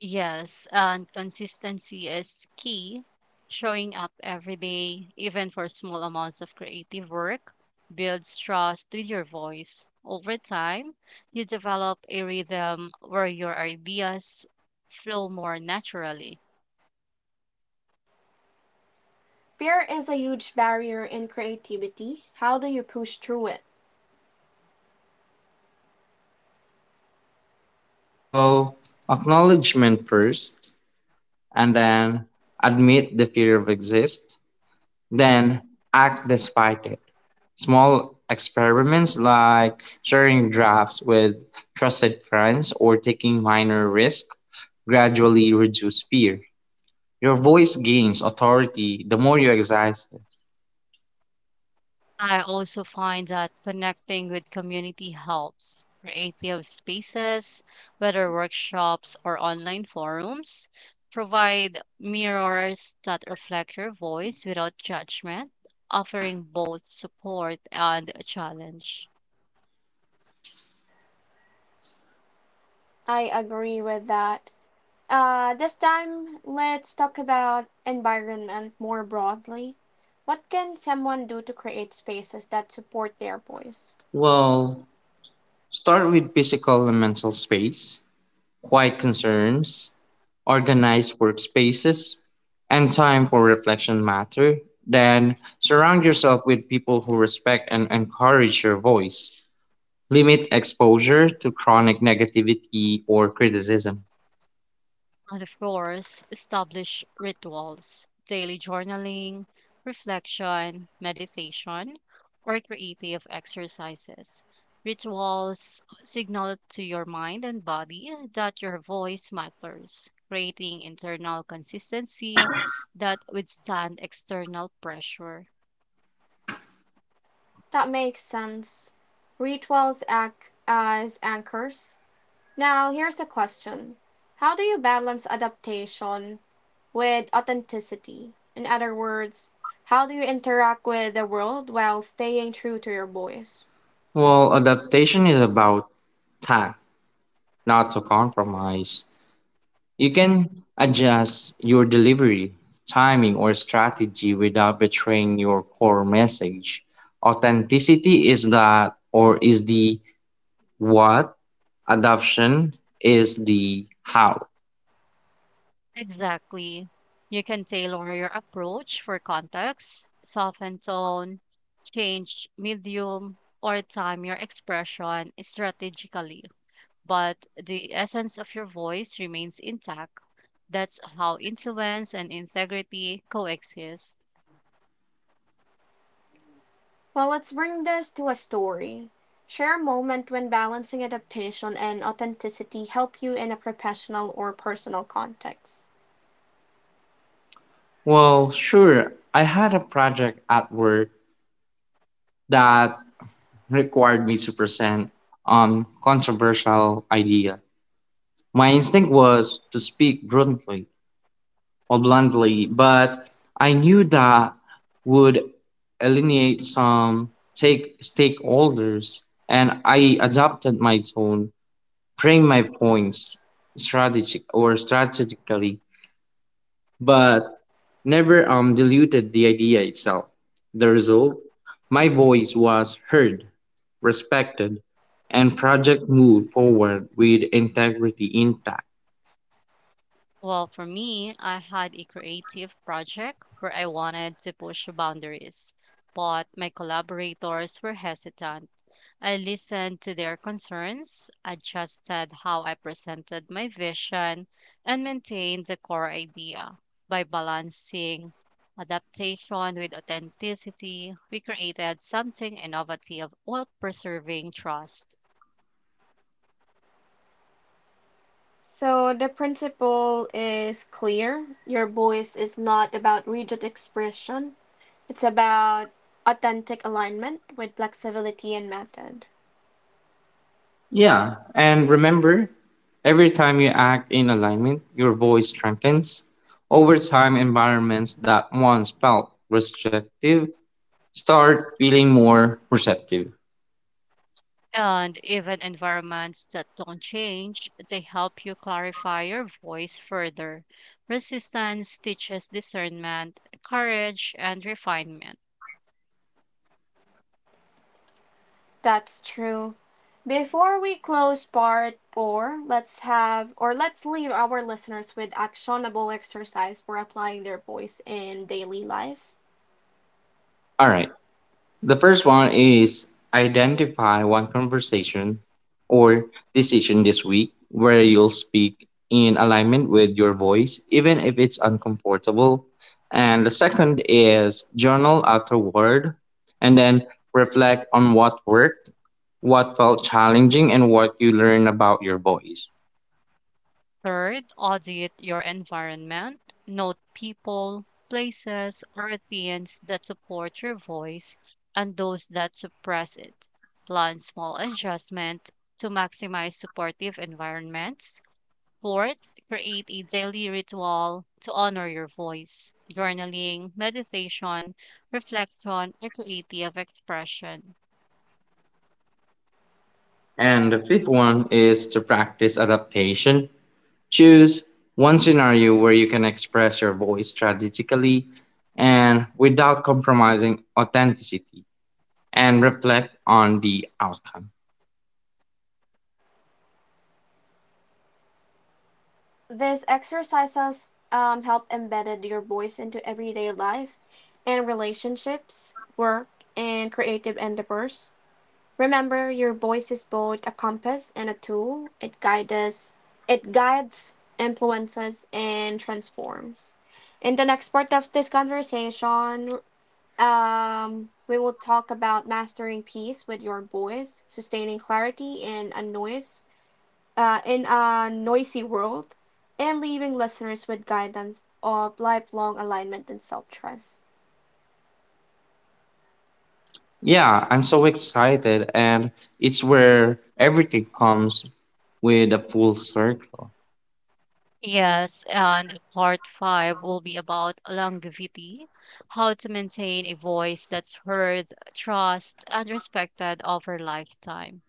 Yes, and consistency is key. Showing up every day, even for small amounts of creative work, builds trust with your voice. Over time, you develop a rhythm where your ideas flow more naturally.
Fear is a huge barrier in creativity. How do you push through it?
Well, acknowledgement first, and then admit the fear of exist, then act despite it. Small experiments like sharing drafts with trusted friends or taking minor risks gradually reduce fear. Your voice gains authority the more you exercise it.
I also find that connecting with community helps. Creative spaces, whether workshops or online forums, provide mirrors that reflect your voice without judgment, offering both support and a challenge.
I agree with that. This time, let's talk about environment more broadly. What can someone do to create spaces that support their voice?
Well, start with physical and mental space, quiet concerns, organized workspaces, and time for reflection matter. Then surround yourself with people who respect and encourage your voice. Limit exposure to chronic negativity or criticism.
And of course, establish rituals, daily journaling, reflection, meditation, or creative exercises. Rituals signal to your mind and body that your voice matters, creating internal consistency that withstand external pressure.
That makes sense. Rituals act as anchors. Now, here's a question. How do you balance adaptation with authenticity? In other words, how do you interact with the world while staying true to your voice?
Well, adaptation is about tact, not to compromise. You can adjust your delivery, timing, or strategy without betraying your core message. Authenticity is that, or is the what, adoption is the how.
Exactly. You can tailor your approach for context, soften tone, change medium, or time your expression strategically. But the essence of your voice remains intact. That's how influence and integrity coexist.
Well, let's bring this to a story. Share a moment when balancing adaptation and authenticity help you in a professional or personal context.
Well, sure, I had a project at work that required me to present on controversial idea. My instinct was to speak bluntly, but I knew that would alienate some take stakeholders, and I adapted my tone, frame my points strategically, but never diluted the idea itself. The result, my voice was heard, respected, and project moved forward with integrity intact.
Well, for me, I had a creative project where I wanted to push boundaries, but my collaborators were hesitant. I listened to their concerns, adjusted how I presented my vision, and maintained the core idea. By balancing adaptation with authenticity, we created something innovative while preserving trust.
So the principle is clear. Your voice is not about rigid expression. It's about authentic alignment with flexibility and method.
Yeah, and remember, every time you act in alignment, your voice strengthens. Over time, environments that once felt restrictive start feeling more receptive.
And even environments that don't change, they help you clarify your voice further. Resistance teaches discernment, courage, and refinement.
That's true. Before we close part 4, let's have or let's leave our listeners with actionable exercise for applying their voice in daily life.
All right. The first one is identify one conversation or decision this week where you'll speak in alignment with your voice, even if it's uncomfortable. And the second is journal afterward and then reflect on what worked, what felt challenging, and what you learn about your voice.
Third, audit your environment. Note people, places, or themes that support your voice and those that suppress it. Plan small adjustments to maximize supportive environments. Fourth, create a daily ritual to honor your voice, journaling, meditation, reflection, or creative expression.
And the fifth one is to practice adaptation. Choose one scenario where you can express your voice strategically and without compromising authenticity and reflect on the outcome.
These exercises help embedded your voice into everyday life and relationships, work, and creative endeavors. Remember, your voice is both a compass and a tool. It guides us, it guides, influences, and transforms. In the next part of this conversation, we will talk about mastering peace with your voice, sustaining clarity and a noise in a noisy world and leaving listeners with guidance of lifelong alignment and self trust.
Yeah, I'm so excited, and it's where everything comes with a full circle.
Yes, and part five will be about longevity, how to maintain a voice that's heard, trust, and respected over lifetime.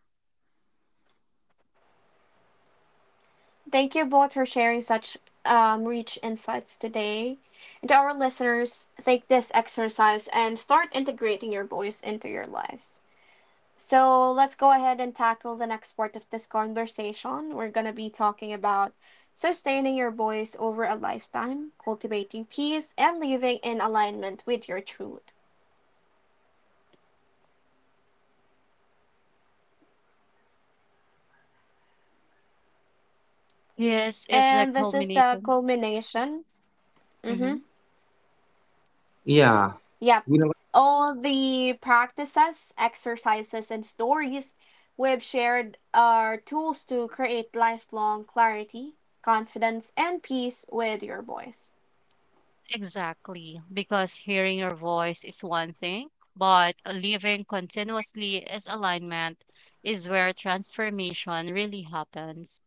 Thank you both for sharing such rich insights today. And to our listeners, take this exercise and start integrating your voice into your life. So let's go ahead and tackle the next part of this conversation. We're going to be talking about sustaining your voice over a lifetime, cultivating peace, and living in alignment with your truth.
This is the
And this is the
culmination.
culmination. Mm-hmm.
Hmm.
Yeah.
Yep.
you know
All the practices, exercises, and stories we've shared are tools to create lifelong clarity, confidence, and peace with your voice.
Exactly, because hearing your voice is one thing, but living continuously as alignment is where transformation really happens.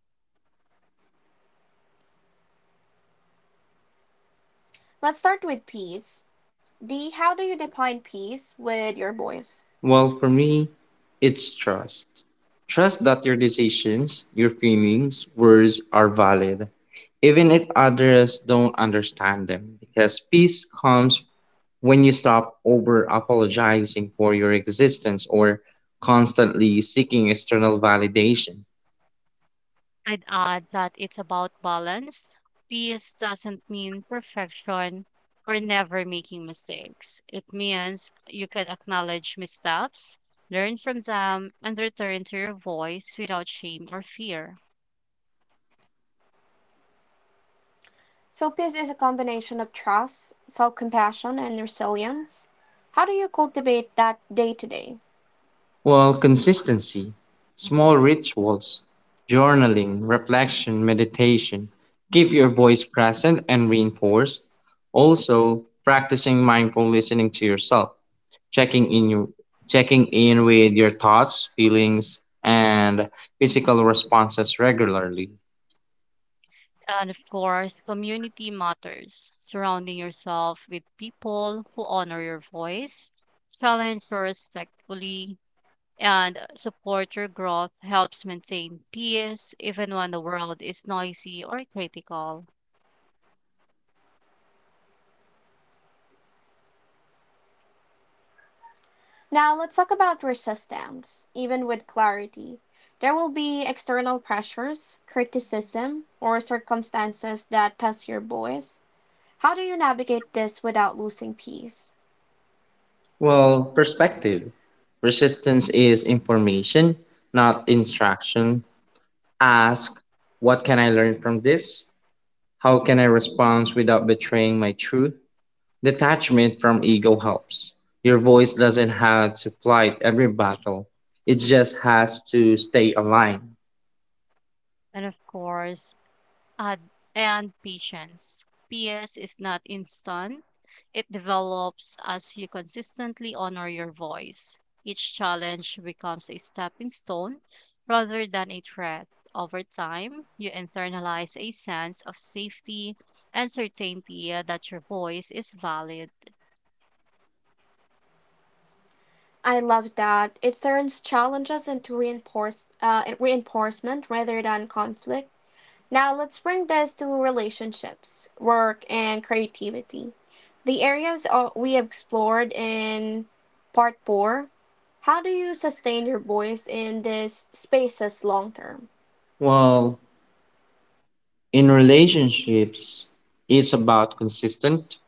Let's start with peace. D, how do you define peace with your voice?
Well, for me, it's trust. Trust that your decisions, your feelings, words are valid, even if others don't understand them. Because peace comes when you stop over apologizing for your existence or constantly seeking external validation.
I'd add that it's about balance. Peace doesn't mean perfection or never making mistakes. It means you can acknowledge missteps, learn from them, and return to your voice without shame or fear.
So, peace is a combination of trust, self compassion, and resilience. How do you cultivate that day to day?
Well, consistency, small rituals, journaling, reflection, meditation keep your voice present and reinforced. Also, practicing mindful listening to yourself, checking in your, checking in with your thoughts, feelings, and physical responses regularly.
And of course, community matters. Surrounding yourself with people who honor your voice, challenge you respectfully, and support your growth helps maintain peace even when the world is noisy or critical.
Now let's talk about resistance, even with clarity. There will be external pressures, criticism, or circumstances that test your voice. How do you navigate this without losing peace?
Well, perspective. Resistance is information, not instruction. Ask, what can I learn from this? How can I respond without betraying my truth? Detachment from ego helps. Your voice doesn't have to fight every battle. It just has to stay aligned.
And of course, add and patience. Peace is not instant. It develops as you consistently honor your voice. Each challenge becomes a stepping stone rather than a threat. Over time, you internalize a sense of safety and certainty that your voice is valid.
I love that. It turns challenges into reinforcement rather than conflict. Now let's bring this to relationships, work, and creativity. The areas we explored in part 4. How do you sustain your voice in these spaces long term?
Well, in relationships, it's about consistent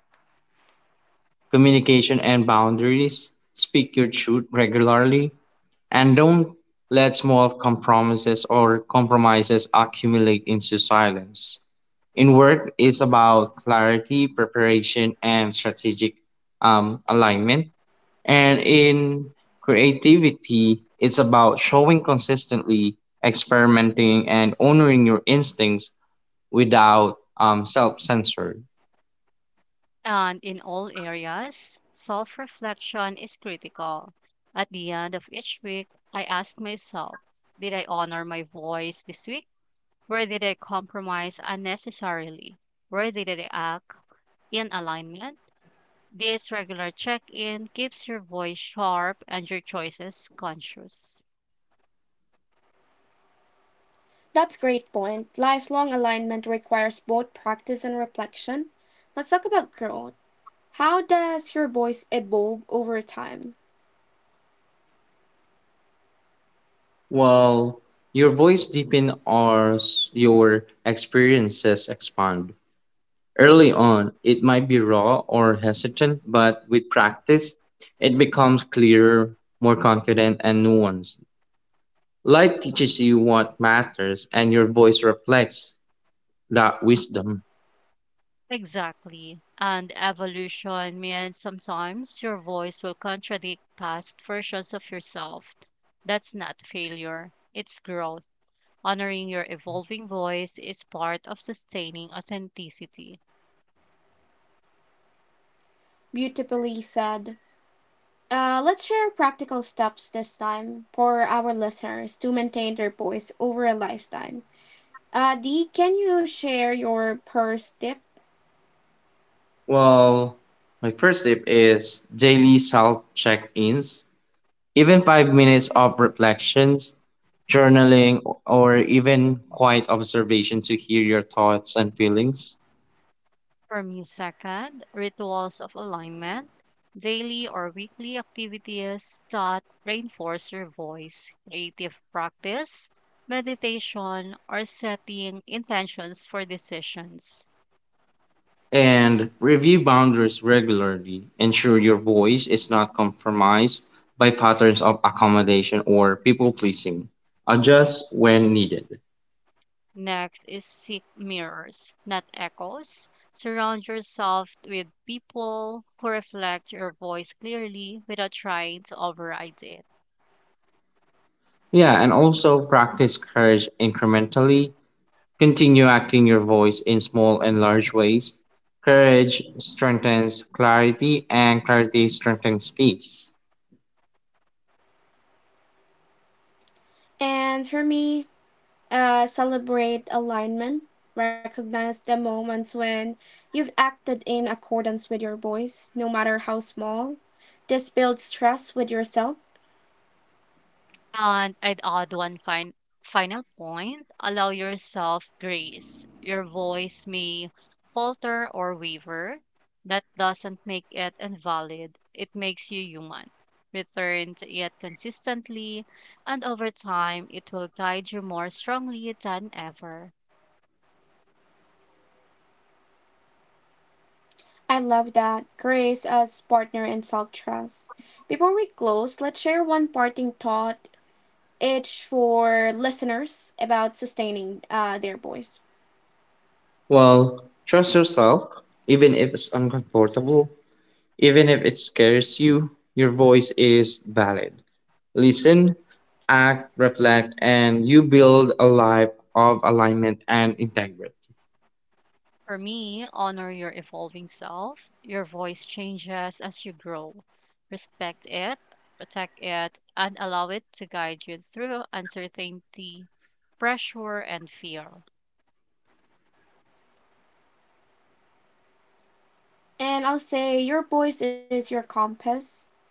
communication and boundaries. Speak your truth regularly and don't let small compromises accumulate into silence. In work, it's about clarity, preparation, and strategic alignment. And in creativity, it's about showing consistently, experimenting, and honoring your instincts without self censor.
And in all areas, self reflection is critical. At the end of each week, I ask myself: did I honor my voice this week? Where did I compromise unnecessarily? Where did I act in alignment? This regular check in keeps your voice sharp and your choices conscious.
That's a great point. Lifelong alignment requires both practice and reflection. Let's talk about growth. How does your voice evolve over time?
While your voice deepens, or your experiences expand. Early on, it might be raw or hesitant, but with practice, it becomes clearer, more confident, and nuanced. Life teaches you what matters, and your voice reflects that wisdom.
Exactly. And evolution means sometimes your voice will contradict past versions of yourself. That's not failure, it's growth. Honoring your evolving voice is part of sustaining authenticity.
Beautifully said. Let's share practical steps this time for our listeners to maintain their voice over a lifetime. Dee, can you share your first tip?
Well, my first tip is daily self check ins. Even 5 minutes of reflections, journaling, or even quiet observation to hear your thoughts and feelings.
For me, second, rituals of alignment, daily or weekly activities that reinforce your voice, creative practice, meditation, or setting intentions for decisions.
And review boundaries regularly. Ensure your voice is not compromised by patterns of accommodation or people pleasing. Adjust when needed.
Next is seek mirrors, not echoes. Surround yourself with people who reflect your voice clearly without trying to override it.
Yeah, and also practice courage incrementally. Continue acting your voice in small and large ways. Courage strengthens clarity, and clarity strengthens peace.
And for me, celebrate alignment, recognize the moments when you've acted in accordance with your voice, no matter how small. This builds trust with yourself.
And I'd add one final point: allow yourself grace. Your voice may falter or waver. That doesn't make it invalid, it makes you human. Return to it consistently, and over time, it will guide you more strongly than ever.
I love that. Grace as partner and self trust. Before we close, let's share one parting thought each for listeners about sustaining their voice.
Well, trust yourself, even if it's uncomfortable, even if it scares you, your voice is valid. Listen, act, reflect, and you build a life of alignment and integrity.
For me, honor your evolving self. Your voice changes as you grow. Respect it, protect it, and allow it to guide you through uncertainty, pressure, and fear.
And I'll say your voice is your compass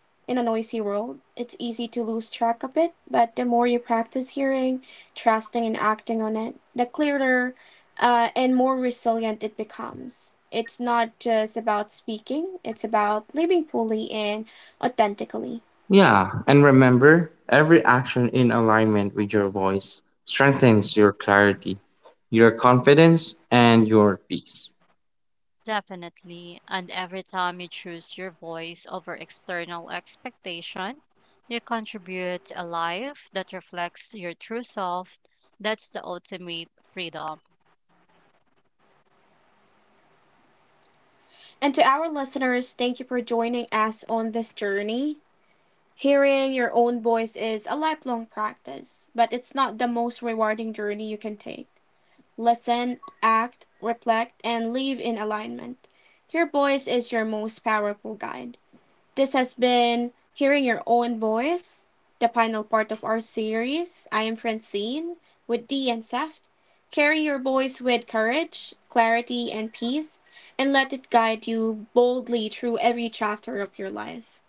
in a noisy world. It's easy to lose track of it, but the more you practice hearing, trusting, and acting on it, the clearer and more resilient it becomes. It's not just about speaking, it's about living fully and authentically.
Yeah, and remember, every action in alignment with your voice strengthens your clarity, your confidence, and your peace.
Definitely. And every time you choose your voice over external expectation, you contribute a life that reflects your true self. That's the ultimate freedom.
And to our listeners, thank you for joining us on this journey. Hearing your own voice is a lifelong practice, but it's not the most rewarding journey you can take. Listen, act, reflect, and live in alignment. Your voice is your most powerful guide. This has been Hearing Your Own Voice, the final part of our series. I am Francine with D and Seft. Carry your voice with courage, clarity, and peace, and let it guide you boldly through every chapter of your life.